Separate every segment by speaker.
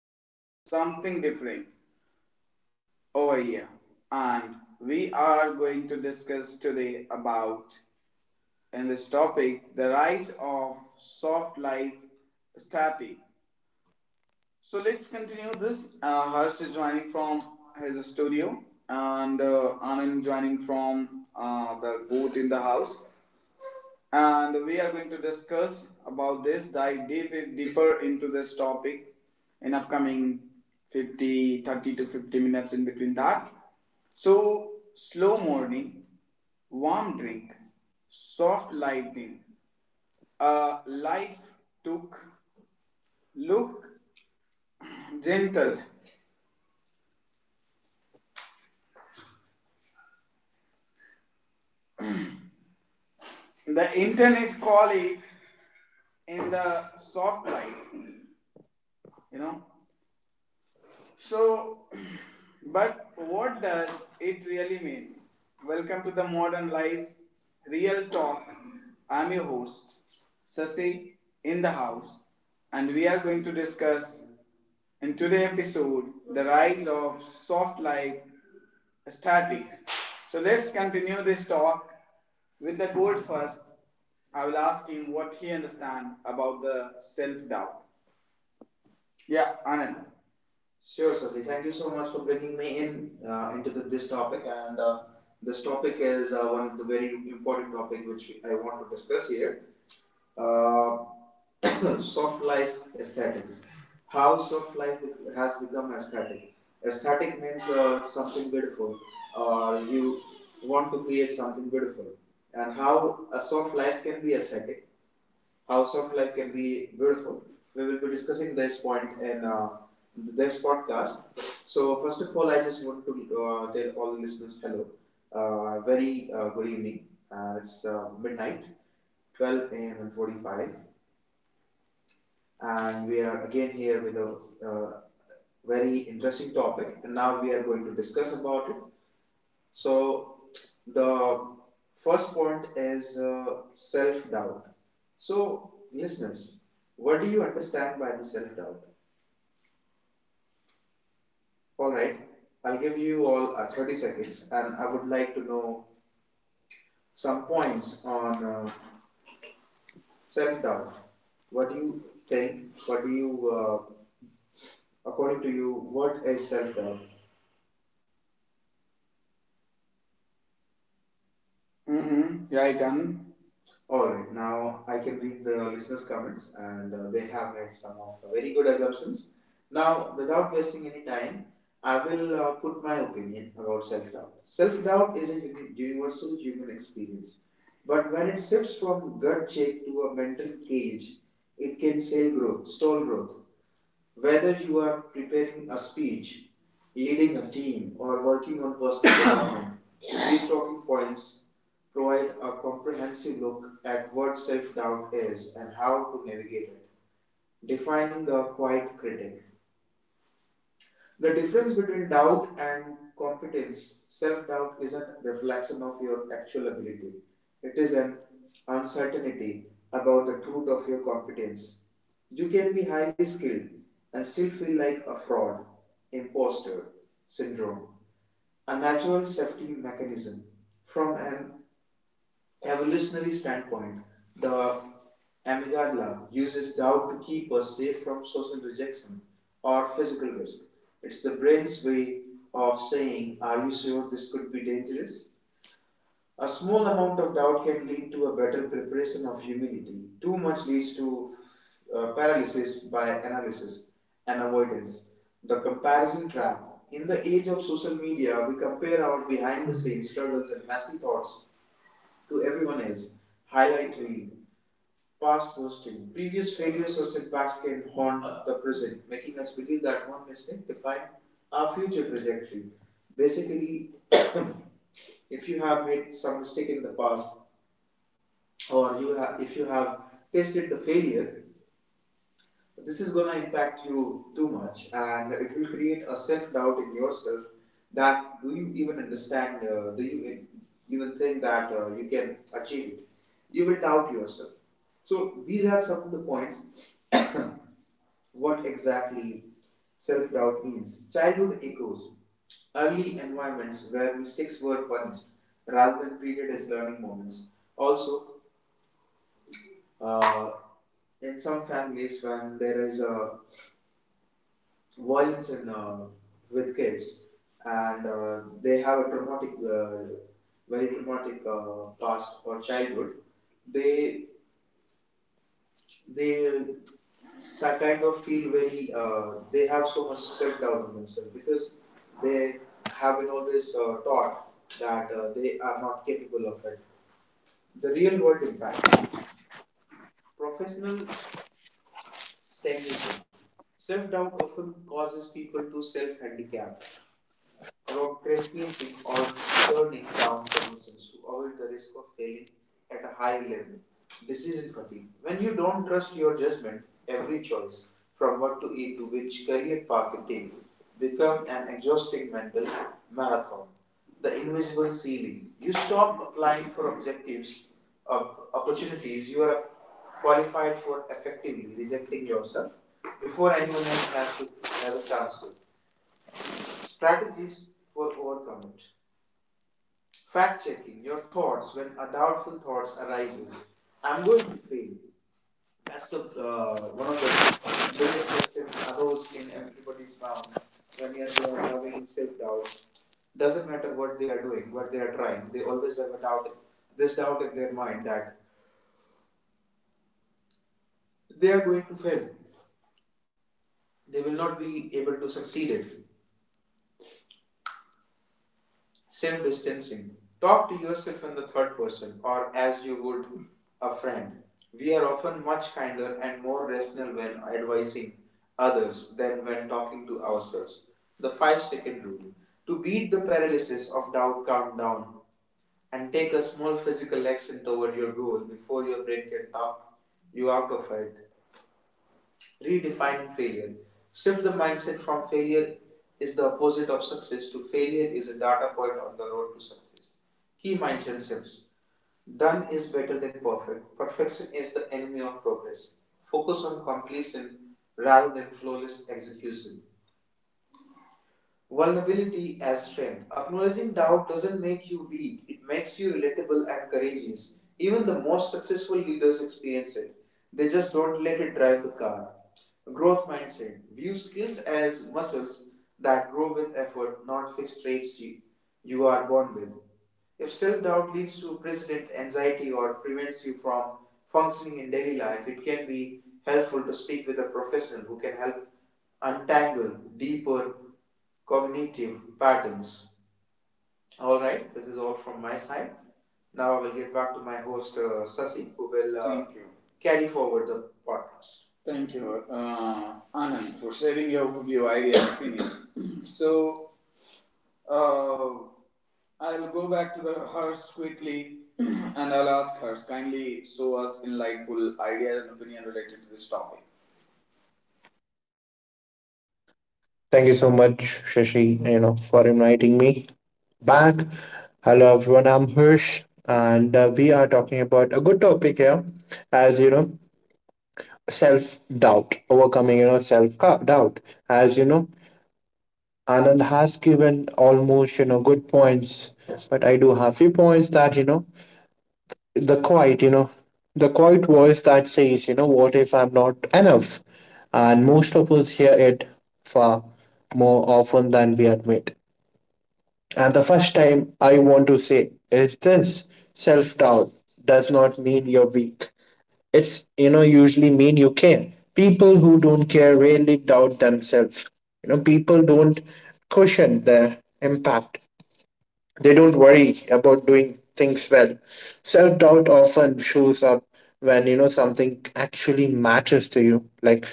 Speaker 1: exciting, something different over here. And we are going to discuss today about in this topic the rise of soft life static. So let's continue this. Harsh is joining from his studio, and Anand joining from the booth in the house. And we are going to discuss about this, dive deep, deeper into this topic in upcoming 50, 30 to 50 minutes in between that. So, slow morning, warm drink, soft lightning, a life took look gentle. The internet call it in the soft life, you know. So, but what does it really means? Welcome to the modern life, real talk. I'm your host, Sasi, in the house, and we are going to discuss in today's episode the rise of soft life statics. So let's continue this talk with the goat first. I will ask him what he understand about the self doubt. Yeah, Anand. Sure, Sasi. Thank you so much for bringing me in into the, this topic. And this topic is one of the very important topic which I want to discuss here. Uh, soft life aesthetics. How soft life has become aesthetic. Aesthetic means something beautiful, or you want to create something beautiful. And how a soft life can be aesthetic how soft life can be beautiful. We will be discussing this point in this podcast. So, first of all, I just want to tell all the listeners hello. Very good evening. It's midnight, 12 a.m. and 45, and we are again here with a uh, very interesting topic. And now we are going to discuss about it. So, the first point is self doubt. So, listeners, what do you understand by the self doubt? All right, I'll give you all 30 seconds and I would like to know some points on self doubt. What do you think? What do you, according to you, what is self doubt? Mm-hmm. Right, and all right, now I can read the listeners' comments, and they have made some of the very good assumptions. Now, without wasting any time, I will put my opinion about self doubt. Self doubt is a universal human experience, but when it shifts from gut check to a mental cage, it can stall growth, stall growth. Whether you are preparing a speech, leading a team, or working on personal development, these talking points provide a comprehensive look at what self doubt is and how to navigate it, defying the quiet critic. The difference between doubt and competence, self doubt isn't a reflection of your actual ability. It is an uncertainty about the truth of your competence. You can be highly skilled and still feel like a fraud, imposter syndrome, a natural safety mechanism from an evolutionary standpoint, the amygdala uses doubt to keep us safe from social rejection or physical risk. It's the brain's way of saying, are you sure this could be dangerous? A small amount of doubt can lead to a better preparation of humility. Too much leads to paralysis by analysis and avoidance. The comparison trap. In the age of social media, we compare our behind the scenes struggles and messy thoughts to everyone else. Highlight reel, past posting, previous failures or setbacks can haunt the present, making us believe that one mistake defined our future trajectory. Basically, if you have made some mistake in the past, or you have, if you have tasted the failure, this is going to impact you too much and it will create a self-doubt in yourself that do you even understand do even think that you can achieve it you will doubt yourself so these are some of the points what exactly self-doubt means childhood echoes early environments where mistakes were punished rather than treated as learning moments also, uh, in some families when there is a violence in with kids, and they have a traumatic, very traumatic past or childhood. They they Kind of feel very. They have so much self doubt in themselves because they have been always taught that they are not capable of it. The real world impact. Professional STEM. Self doubt often causes people to self handicap procrastinating or turning down promotions to avoid the risk of failing at a high level. Decision fatigue. When you don't trust your judgment, every choice, from what to eat to which career path to take, become an exhausting mental marathon. The invisible ceiling. You stop applying for objectives of opportunities you are qualified for effectively rejecting yourself before anyone else has to have a chance to. Strategies for overcoming it. Fact checking your thoughts when a doubtful thoughts arises. I'm going to fail. That's the one of the biggest questions arose in everybody's mind when you're having self doubt. Doesn't matter what they are doing, what they are trying. They always have a doubt, this doubt in their mind that they are going to fail. They will not be able to succeed it. Sim distancing. Talk to yourself in the third person or as you would a friend. We are often much kinder and more rational when advising others than when talking to ourselves. The 5-second rule. To beat the paralysis of doubt, count down and take a small physical action toward your goal before your brain can talk you out of it. Redefining failure. Shift the mindset from failure is the opposite of success to failure is a data point on the road to success. Key mindset shifts. Done is better than perfect. Perfection is the enemy of progress. Focus on completion rather than flawless execution. Vulnerability as strength. Acknowledging doubt doesn't make you weak, it makes you relatable and courageous. Even the most successful leaders experience it, they just don't let it drive the car. Growth mindset. View skills as muscles that grow with effort, not fixed traits you are born with. If self doubt leads to persistent anxiety or prevents you from functioning in daily life, it can be helpful to speak with a professional who can help untangle deeper cognitive patterns. All right, this is all from my side. Now I will get back to my host Sasi, who will carry forward the podcast. Thank you, Anand, for sharing view, idea and opinion. So, uh, I'll go back to the Hers quickly and I'll ask Hers kindly show us insightful ideas and opinion related to this topic.
Speaker 2: Thank you so much, Shashi, for inviting me back. Hello, everyone. I'm Hirsch, and we are talking about a good topic here, as you know, self doubt, overcoming self doubt. As you know, Anand has given almost good points, but I do have few points that the quiet, the quiet voice that says, what if I'm not enough? And most of us hear it far more often than we admit. And the first time I want to say is this self doubt does not mean you're weak. It's usually mean you care. People who don't care rarely doubt themselves. People don't cushion their impact, they don't worry about doing things well. Self doubt often shows up when, something actually matters to you, like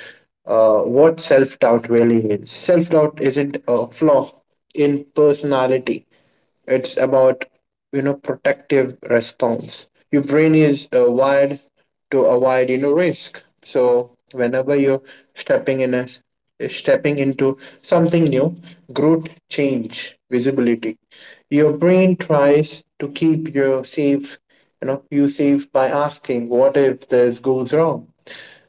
Speaker 2: what self doubt really is. Self doubt isn't a flaw in personality, it's about protective response your brain is wired to avoid risk, so whenever you're stepping in a stepping into something new, growth, change, visibility, your brain tries to keep you safe, by asking what if this goes wrong.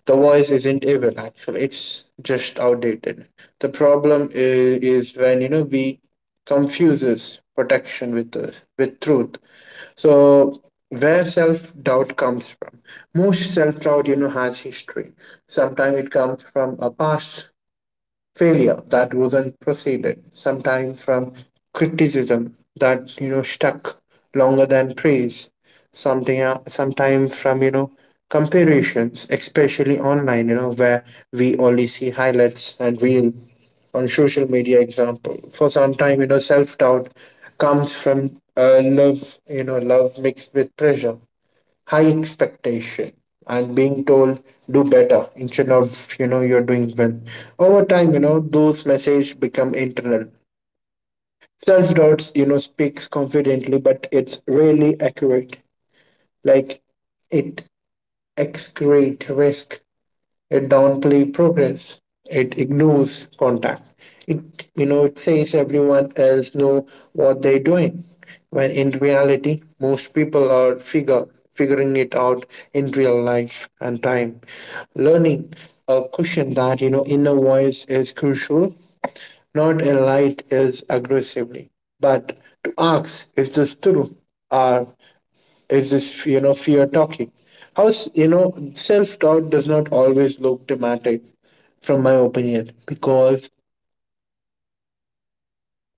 Speaker 2: The voice isn't evil, actually. It's just outdated. The problem is when we confuses protection with with truth. So where self doubt comes from? Most self doubt, has history. Sometimes it comes from a past failure that wasn't proceeded, sometimes from criticism that stuck longer than praise, something sometimes from comparisons, especially online, where we only see highlights and real on social media example. For some time, self-doubt comes from love, mixed with pressure, high expectation, and being told do better instead of you're doing well. Over time, those messages become internal. Self-doubts, speaks confidently, but it's rarely accurate. Like, it excrete risk, it downplays progress. It ignores contact. It it says everyone else know what they're doing. When in reality, most people are figure figuring it out in real life and time. Learning a cushion that inner voice is crucial, not a light is aggressively, but to ask, is this true? Are Is this fear talking? How self-doubt does not always look dramatic, from my opinion, because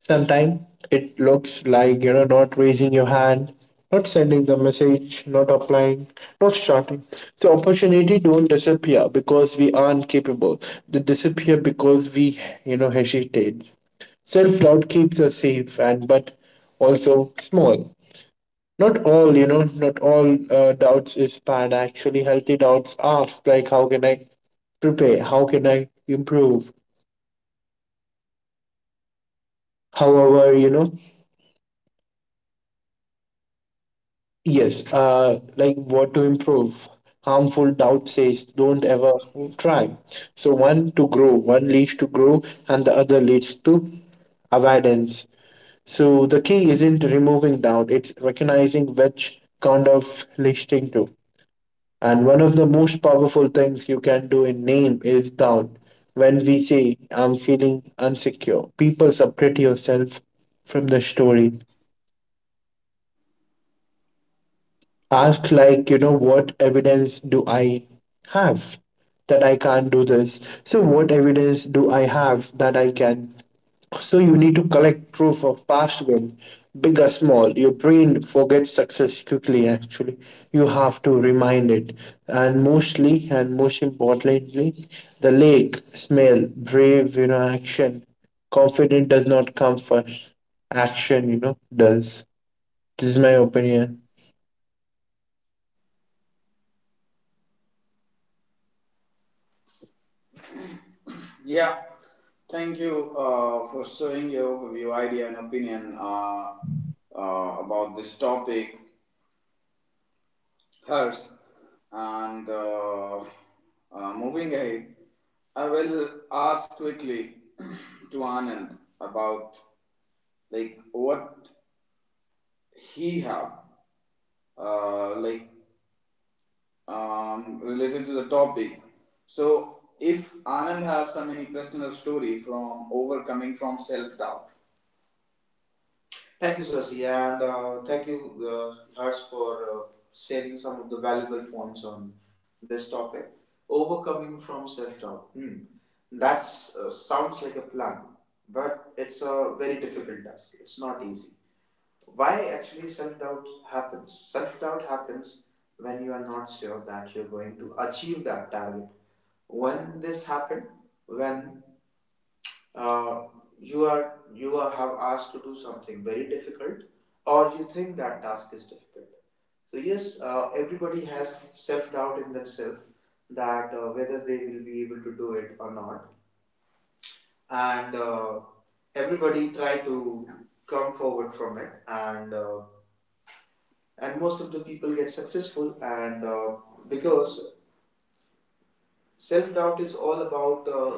Speaker 2: sometimes it looks like, not raising your hand, not sending the message, not applying, not starting. So opportunity don't disappear because we aren't capable, they disappear because we, hesitate. Self-doubt keeps us safe, and but also small. Not all, not all doubts is bad. Actually, healthy doubts ask, like, how can I prepare? How can I improve? However, yes, like what to improve. Harmful doubt says, don't ever try. So one leads to grow, and the other leads to avoidance. So the key isn't removing doubt; it's recognizing which kind of listening to. And one of the most powerful things you can do in name is down. When we say, I'm feeling unsecure, people separate yourself from the story. Ask, like, what evidence do I have that I can't do this? So, what evidence do I have that I can So you need to collect proof of past win, big or small. Your brain forgets success quickly, actually. You have to remind it. And most importantly, the lake, smell, brave, action. Confident does not come first. Action, does. This is my opinion.
Speaker 1: Yeah, thank you for showing your overview, idea, and opinion about this topic, Hers. And moving ahead, I will ask quickly to Anand about like what he have like related to the topic. So, if Anand have some any personal story from overcoming from self doubt. Thank you, Sasi, and thank you, Hers, for sharing some of the valuable points on this topic. Overcoming from self doubt. Hmm. That sounds like a plan, but it's a very difficult task. It's not easy. Why actually self doubt happens? Self doubt happens when you are not sure that you're going to achieve that target. When this happened, when uh, you are have asked to do something very difficult, or you think that task is difficult. So yes, everybody has self doubt in themselves that whether they will be able to do it or not, and everybody try to come forward from it and most of the people get successful and because self-doubt is all about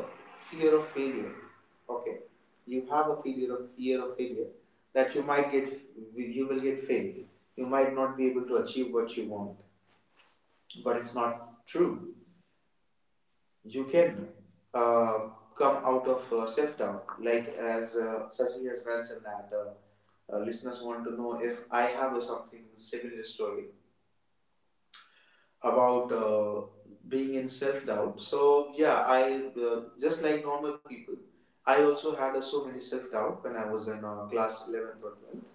Speaker 1: fear of failure okay you have a failure of fear of failure that you might get you will get failed you might not be able to achieve what you want but it's not true you can uh, come out of self-doubt like as Sasi has mentioned that listeners want to know if I have a something similar story about being in self doubt. So yeah, I just like normal people. I also had so many self doubt when I was in class 11th or 12th.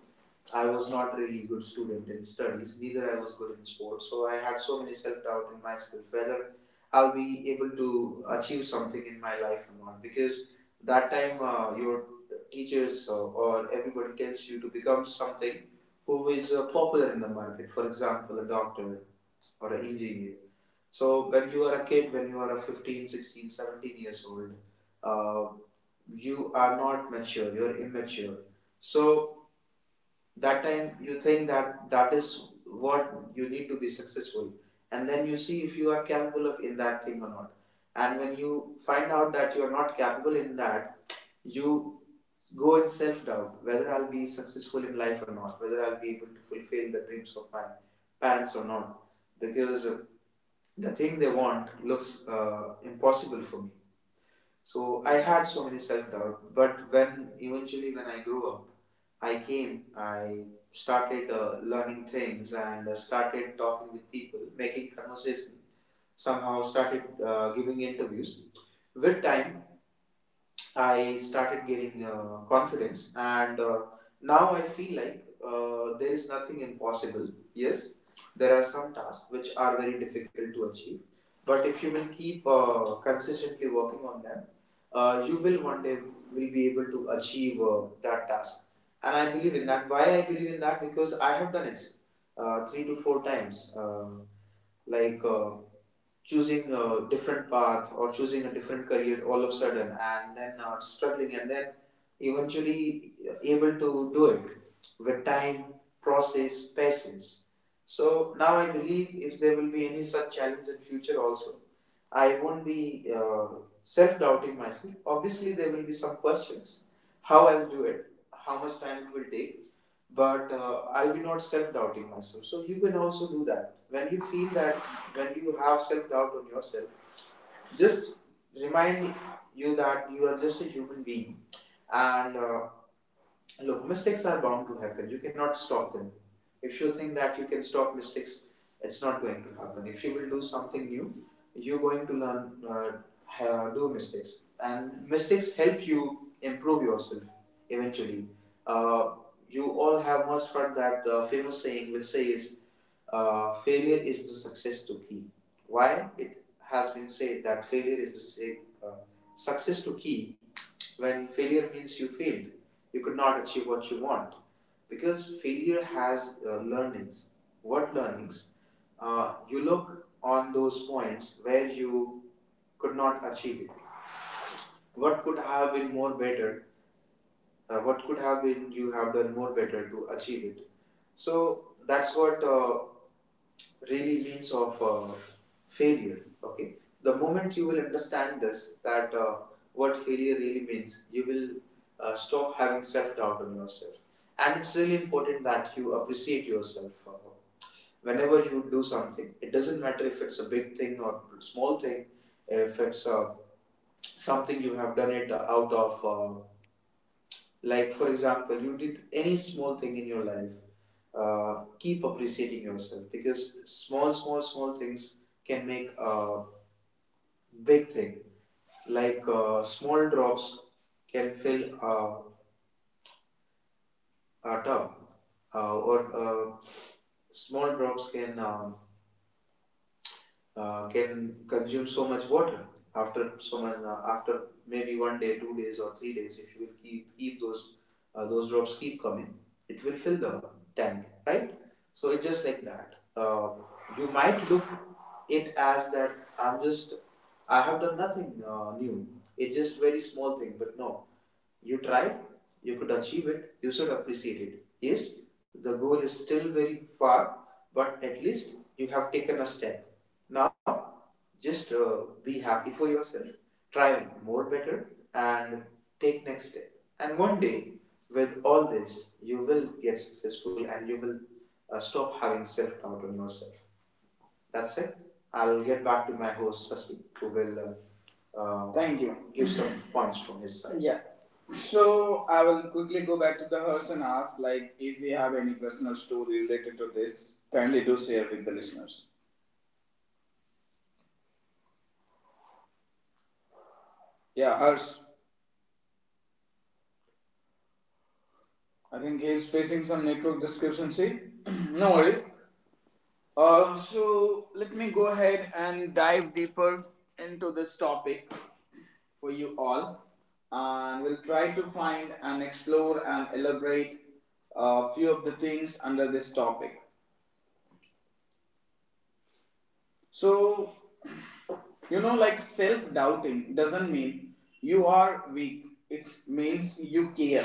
Speaker 1: I was not really good student in studies. Neither I was good in sports. So I had so many self doubt in myself whether I'll be able to achieve something in my life or not. Because that time your teachers or everybody tells you to become something who is popular in the market. For example, a doctor or an engineer. So when you are a kid, when you are a 15, 16, 17 years old, uh, you are not mature, you're immature. So that time you think that that is what you need to be successful. And then you see if you are capable of in that thing or not. And when you find out that you are not capable in that, you go in self doubt whether I'll be successful in life or not, whether I'll be able to fulfill the dreams of my parents or not. Because the thing they want looks impossible for me. So I had so many self-doubt, but when eventually when I grew up, I started learning things and started talking with people, making conversation, somehow started giving interviews. With time I started getting confidence, and now I feel like there is nothing impossible. Yes, there are some tasks which are very difficult to achieve, but if you will keep consistently working on them, you will one day will be able to achieve that task. And I believe in that. Why I believe in that? Because I have done it three to four times. Like. Uh, Choosing a different path or choosing a different career all of a sudden and then struggling and then eventually able to do it with time, process, patience. So now I believe if there will be any such challenge in future also, I won't be self-doubting myself. Obviously, there will be some questions, how I'll do it, how much time it will take, but I'll be not self-doubting myself. So you can also do that when you feel that when you have self doubt on yourself, just remind you that you are just a human being. And look, mistakes are bound to happen. You cannot stop them. If you think that you can stop mistakes, it's not going to happen. If you will do something new, you're going to learn do mistakes, and mistakes help you improve yourself eventually. Uh, you all have must heard that famous saying which says failure is the success to key. Why it has been said that failure is the same, uh, success to key, when failure means you failed, you could not achieve what you want, because failure has learnings. What learnings? You look on those points where you could not achieve it. What could have been more better? What could have been you have done more better to achieve it? So that's what really means of failure. Okay, the moment you will understand this that what failure really means, you will stop having self doubt on yourself. And it's really important that you appreciate yourself, whenever you do something. It doesn't matter if it's a big thing or small thing. If it's something you have done it out of like, for example, you did any small thing in your life, keep appreciating yourself, because small things can make a big thing. Like small drops can fill a tub, or small drops can consume so much water after so much after maybe one day, two days, or three days, if you will keep those drops keep coming, it will fill the tank, right? So it's just like that. You might look it as that i'm just I have done nothing new, it's just very small thing, but no, you tried, you could achieve it, you should appreciate it. Yes, the goal is still very far, but at least you have taken a step. Now, just be happy for yourself, try more better, and take next step. And one day, with all this, you will get successful and you will stop having self doubt on yourself. That's it. I'll get back to my host Sasi, who will Thank you. Give some points from his side. Yeah. So I will quickly go back to the host and ask, like, if you have any personal story related to this, kindly do share with the listeners. Yeah, Harsh. I think he's facing some network description. See, no worries. So let me go ahead and dive deeper into this topic for you all, and we'll try to find and explore and elaborate a few of the things under this topic. So, you know, like self doubting doesn't mean you are weak, it means you care.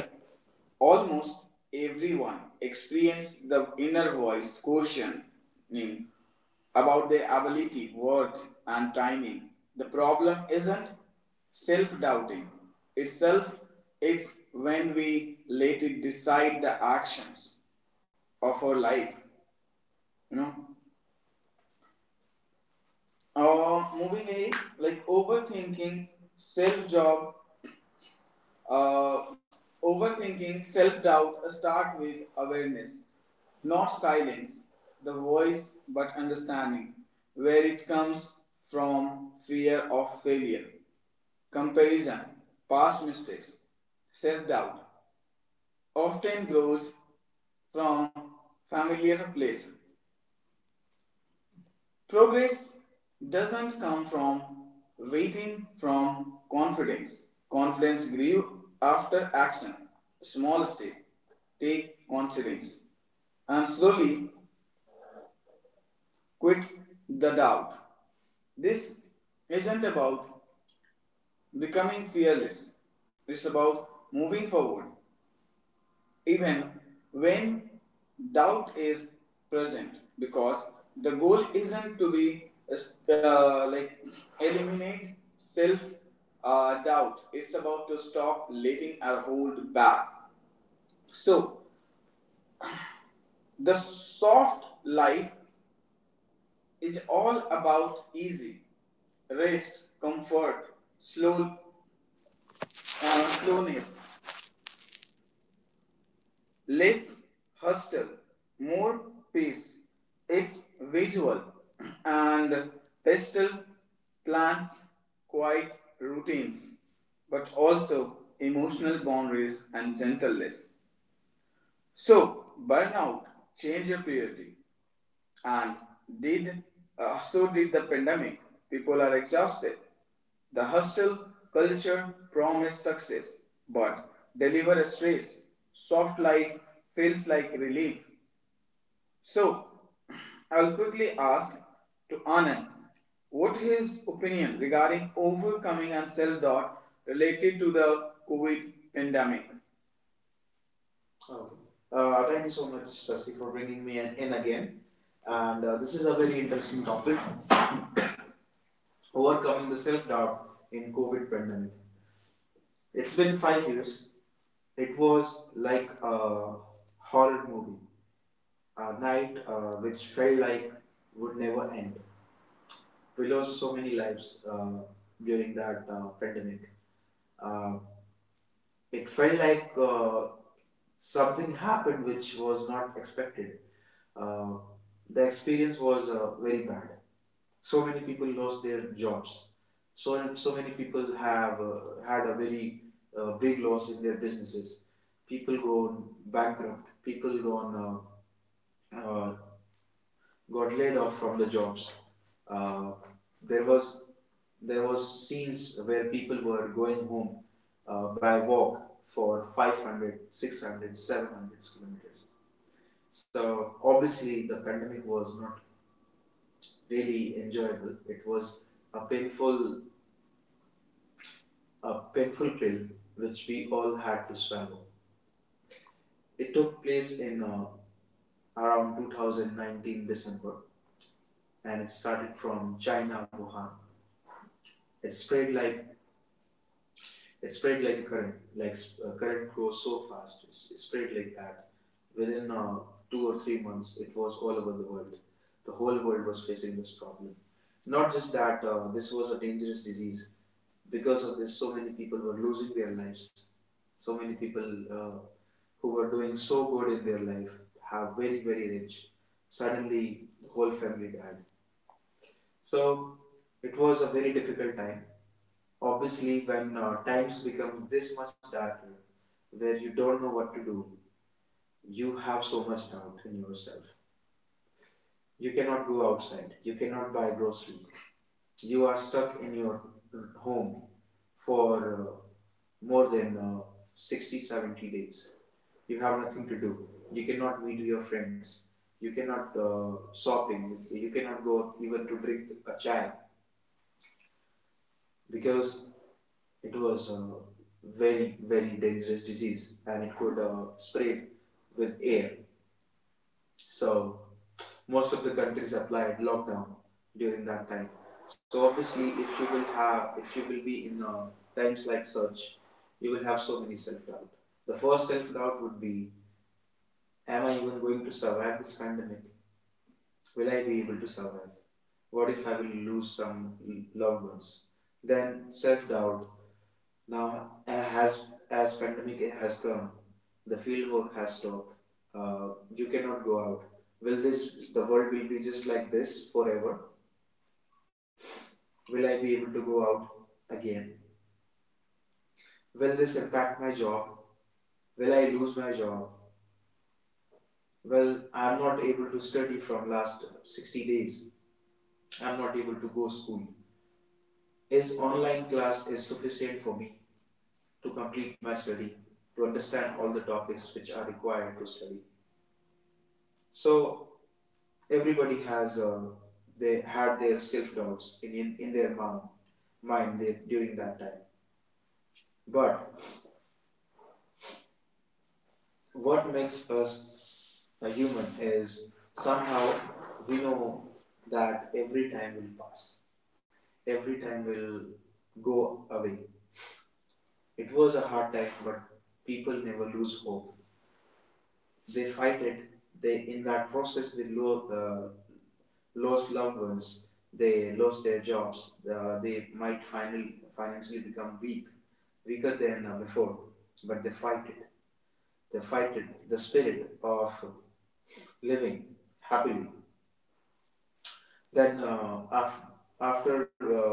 Speaker 1: Almost everyone experiences the inner voice questioning about their ability, worth, and timing. The problem isn't self doubting itself, it's when we let it decide the actions of our life. You know, moving eight, like overthinking, self job, uh, overthinking, self doubt start with awareness, not silence, the voice, but understanding, where it comes from. Fear of failure, comparison, past mistakes, self doubt, often grows from familiar places. Progress doesn't come from waiting from confidence. Confidence grew after action. Small step. Take confidence. And slowly quit the doubt. This isn't about becoming fearless. It's about moving forward even when doubt is present, because the goal isn't to be like eliminate self doubt, it's about to stop letting our hold back. So the soft life is all about easy rest comfort slow slowness, less hostile, more peace. It's visual and pastel plants quiet routines, but also emotional boundaries and gentleness. So, burnout, change your priority, and did so did the pandemic. People are exhausted. The hostile culture promised success, but deliver a stress. Soft life feels like relief. So, I'll quickly ask to Anand what his opinion regarding overcoming and self-doubt related to the COVID pandemic. Okay. Thank you so much, Sasti, for bringing me in, again. And this is a very interesting topic. Overcoming the self-doubt in covid pandemic, it's been 5 years. It was like a horror movie, a night which felt like would never end. We lost so many lives during that pandemic. uh, it felt like something happened which was not expected. Uh, the experience was very bad. So many people lost their jobs. So so many people have had a very big loss in their businesses. People go bankrupt. People gone uh, got laid off from the jobs. Uh, there was there was scenes where people were going home by walk for 500, 600, 700 kilometers. So obviously the pandemic was not really enjoyable. It was a painful a painful pill which we all had to swallow. It took place in around 2019 December, and it started from China Wuhan. It spread like It spread like a current. Like current goes so fast. It spread like that. Within 2 or 3 months, it was all over the world. The whole world was facing this problem. Not just that, this was a dangerous disease. Because of this, so many people were losing their lives. So many people uh, who were doing so good in their life, have very, very rich. Suddenly, the whole family died. So it was a very difficult time. Obviously, when times become this much darker, where you don't know what to do, you have so much doubt in yourself. You cannot go outside, you cannot buy groceries. You are stuck in your home for more than 60 70 days. You have nothing to do. You cannot meet your friends. You cannot shopping. You cannot go even to drink a chai, because it was a very very dangerous disease and it could spread with air. So most of the countries applied lockdown during that time. So obviously if you will have if you will be in times like such, you will have so many self doubt. The first self doubt would be, am I even going to survive this pandemic? Will I be able to survive? What if I will lose some loved ones? Then self doubt. Now, as pandemic has come, the field work has stopped. You cannot go out. Will this the world will be just like this forever? Will I be able to go out again? Will this impact my job? Will I lose my job? Well, I'm not able to study from last 60 days. I'm not able to go school. Is online class is sufficient for me to complete my study, to understand all the topics which are required to study? So everybody has they had their self doubts in their mind there, during that time. But what makes us a human is somehow we know that every time will pass, every time will go away. It was a hard time, but people never lose hope. They fight it. They in that process lost loved ones, they lost their jobs, they might finally financially become weak, weaker than before, but they fight it. They fight it, the spirit of living happily. Then after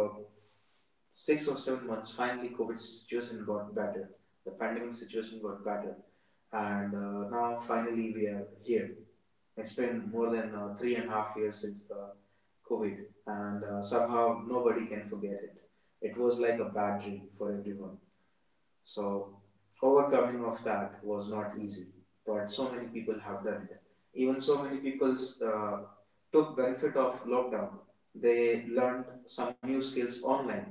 Speaker 1: 6 or 7 months, finally COVID situation got better. The pandemic situation got better, and now finally we are here. It's been more than three and a half years since the COVID, and somehow nobody can forget it. It was like a bad dream for everyone. So overcoming of that was not easy, but so many people have done it. Even so many people uh, took benefit of lockdown. They learned some new skills online,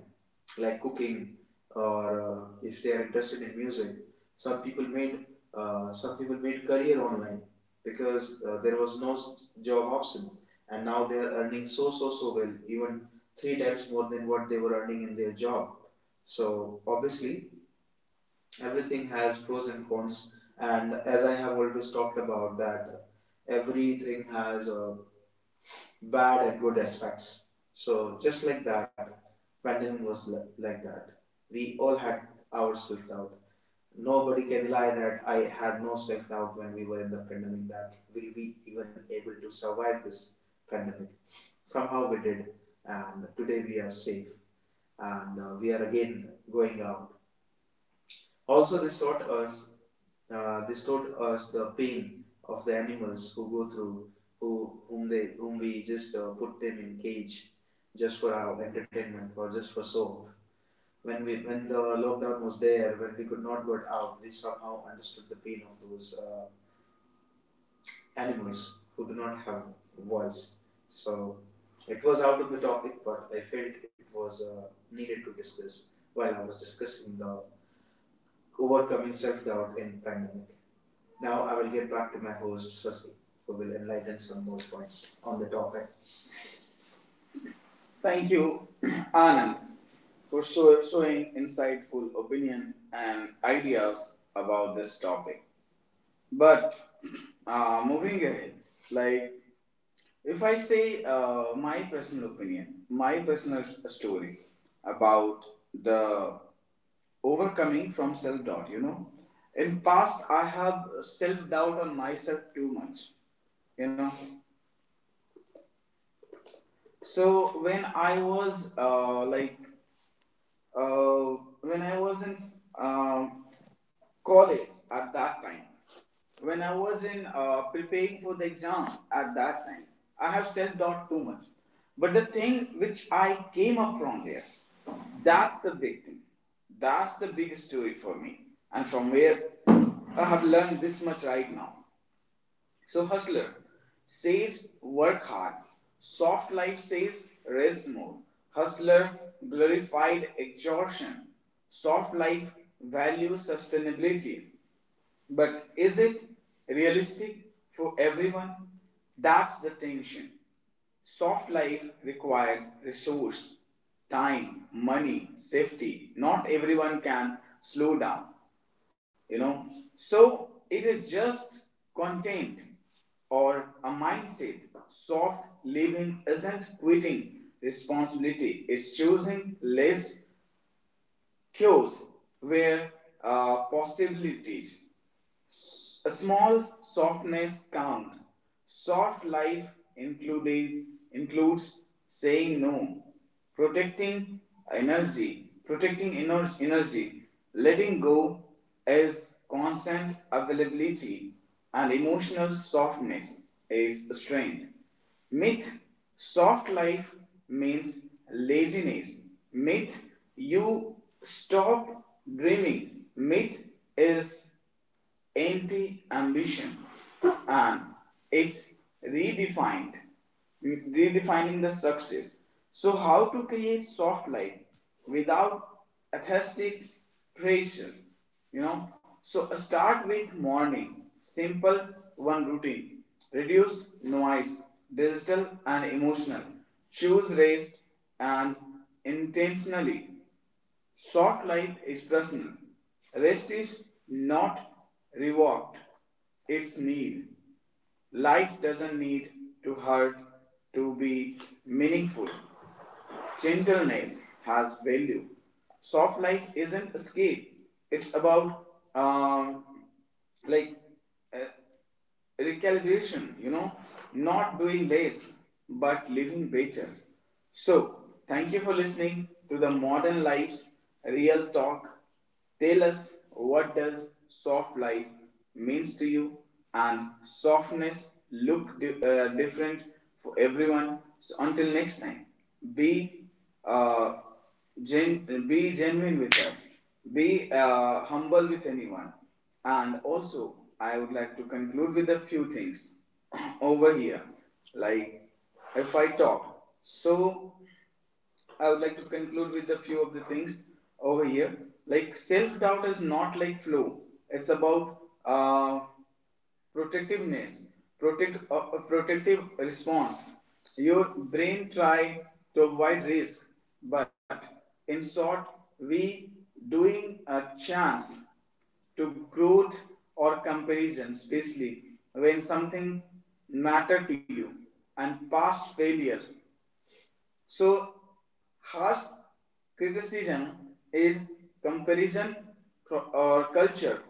Speaker 1: like cooking, or if they are interested in music. Some people made some people made career online because there was no job option, and now they are earning so well, even three times more than what they were earning in their job. So obviously everything has pros and cons, and as I have always talked about that, everything has bad and good aspects. So just like that, pandemic was like that. We all had our self-doubt. Nobody can lie that I had no self-doubt when we were in the pandemic, that will we even able to survive this pandemic. Somehow we did, and today we are safe, and we are again going out. Also this taught us the pain of the animals who go through, whom we just put them in cage, just for our entertainment or just for show. When the lockdown was there, when we could not get out, we somehow understood the pain of those animals who do not have voice. So it was out of the topic, but I felt it was needed to discuss while I was discussing the overcoming self doubt in pandemic. Now I will get back to my host Swasti, who will enlighten some more points on the topic. Thank you, Anand, for showing insightful opinion and ideas about this topic. But moving ahead, like if I say my personal opinion, my personal story about the overcoming from self doubt, you know, in past I have self doubt on myself too much, you know, so when I was uh, when I was in um, college at that time, when I was in preparing for the exam at that time, I have self doubt too much. But the thing which I came up from there, that's the big thing. That's the big story for me, and from where I have learned this much right now. So, hustler says work hard. Soft life says rest more. Hustler glorified exhaustion. Soft life values sustainability. But is it realistic for everyone? That's the tension. Soft life required resource, time, money, safety. Not everyone can slow down, you know. So it is just content or a mindset. Soft living isn't quitting responsibility, it's choosing less cures where possibilities a small softness count. Soft life including, includes saying no, protecting energy, protecting energy, letting go is constant availability, and emotional softness is strength. Myth soft life means laziness. Myth you stop dreaming. Myth is anti ambition, and it's redefined redefining the success. So how to create soft life without atheistic pressure, you know? So start with morning simple one routine, reduce noise, digital and emotional, choose rest and intentionally. Soft life is personal. Rest is not reward, it's need. Life doesn't need to hurt to be meaningful. Gentleness has value. Soft life isn't escape, it's about um, like uh, recalibration, you know, not doing less but living better. So, thank you for listening to the Modern Life's Real Talk. Tell us what does soft life means to you, and softness look different for everyone. So until next time, be uh, be genuine with us, be humble with anyone, and also I would like to conclude with a few things over here, like if I talk so. I would like to conclude with a few of the things over here. Like self doubt is not like flow. It's about uh, protectiveness, protective response. Your brain try to avoid risk, but in short, we doing a chance to growth or comparison, especially when something mattered to you and past failure. So, harsh criticism is comparison or culture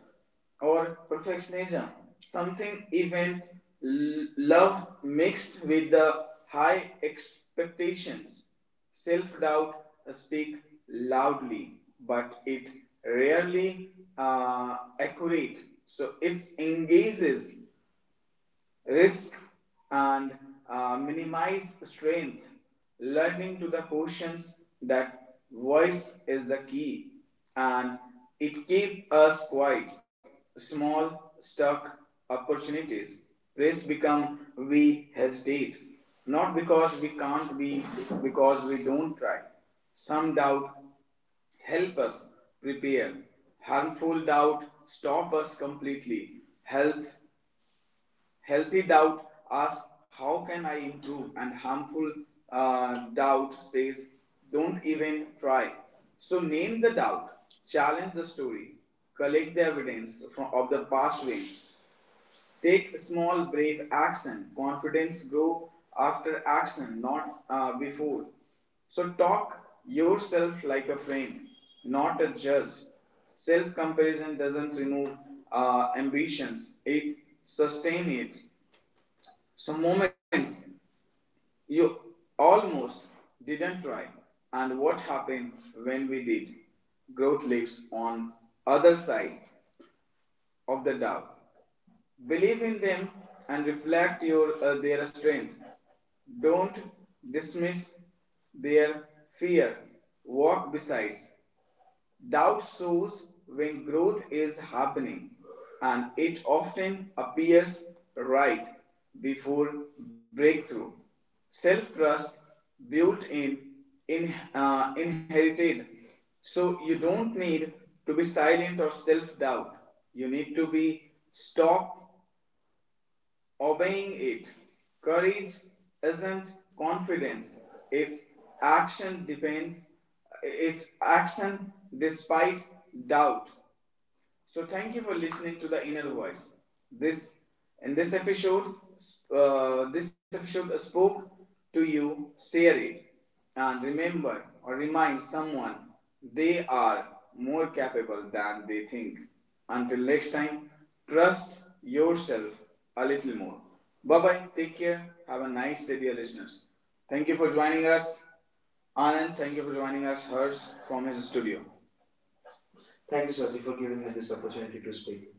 Speaker 1: or perfectionism, something even love mixed with the high expectations. Self doubt speak loudly, but it rarely accurate. So it engages risk and minimize strength. Learning to the questions that voice is the key, and it keep us quiet. Small stuck opportunities. Praise become we hesitate. Not because we can't be, because we don't try. Some doubt help us prepare. Harmful doubt stop us completely. Healthy doubt asks, how can I improve? And harmful doubt says, don't even try. So name the doubt, challenge the story, collect the evidence of the past wins, take small, brave action. Confidence grow after action, not before. So talk yourself like a friend, not a judge. Self comparison doesn't remove ambitions, it sustains it. Some moments you almost didn't try, and what happened when we did? Growth lives on other side of the doubt. Believe in them and reflect your their strength. Don't dismiss their fear. Walk besides. Doubt shows when growth is happening, and it often appears right before breakthrough. Self trust built in, inherited. So you don't need to be silent or self doubt. You need to be stop obeying it. Courage isn't confidence, it's action depends it's action despite doubt. So thank you for listening to the Inner Voice. This In this episode spoke to you. Share it and remember or remind someone they are more capable than they think. Until next time, trust yourself a little more. Bye bye. Take care. Have a nice day, dear listeners. Thank you for joining us. Anand, thank you for joining us, Hers, from his studio. Thank you, Sasi, for giving me this opportunity to speak.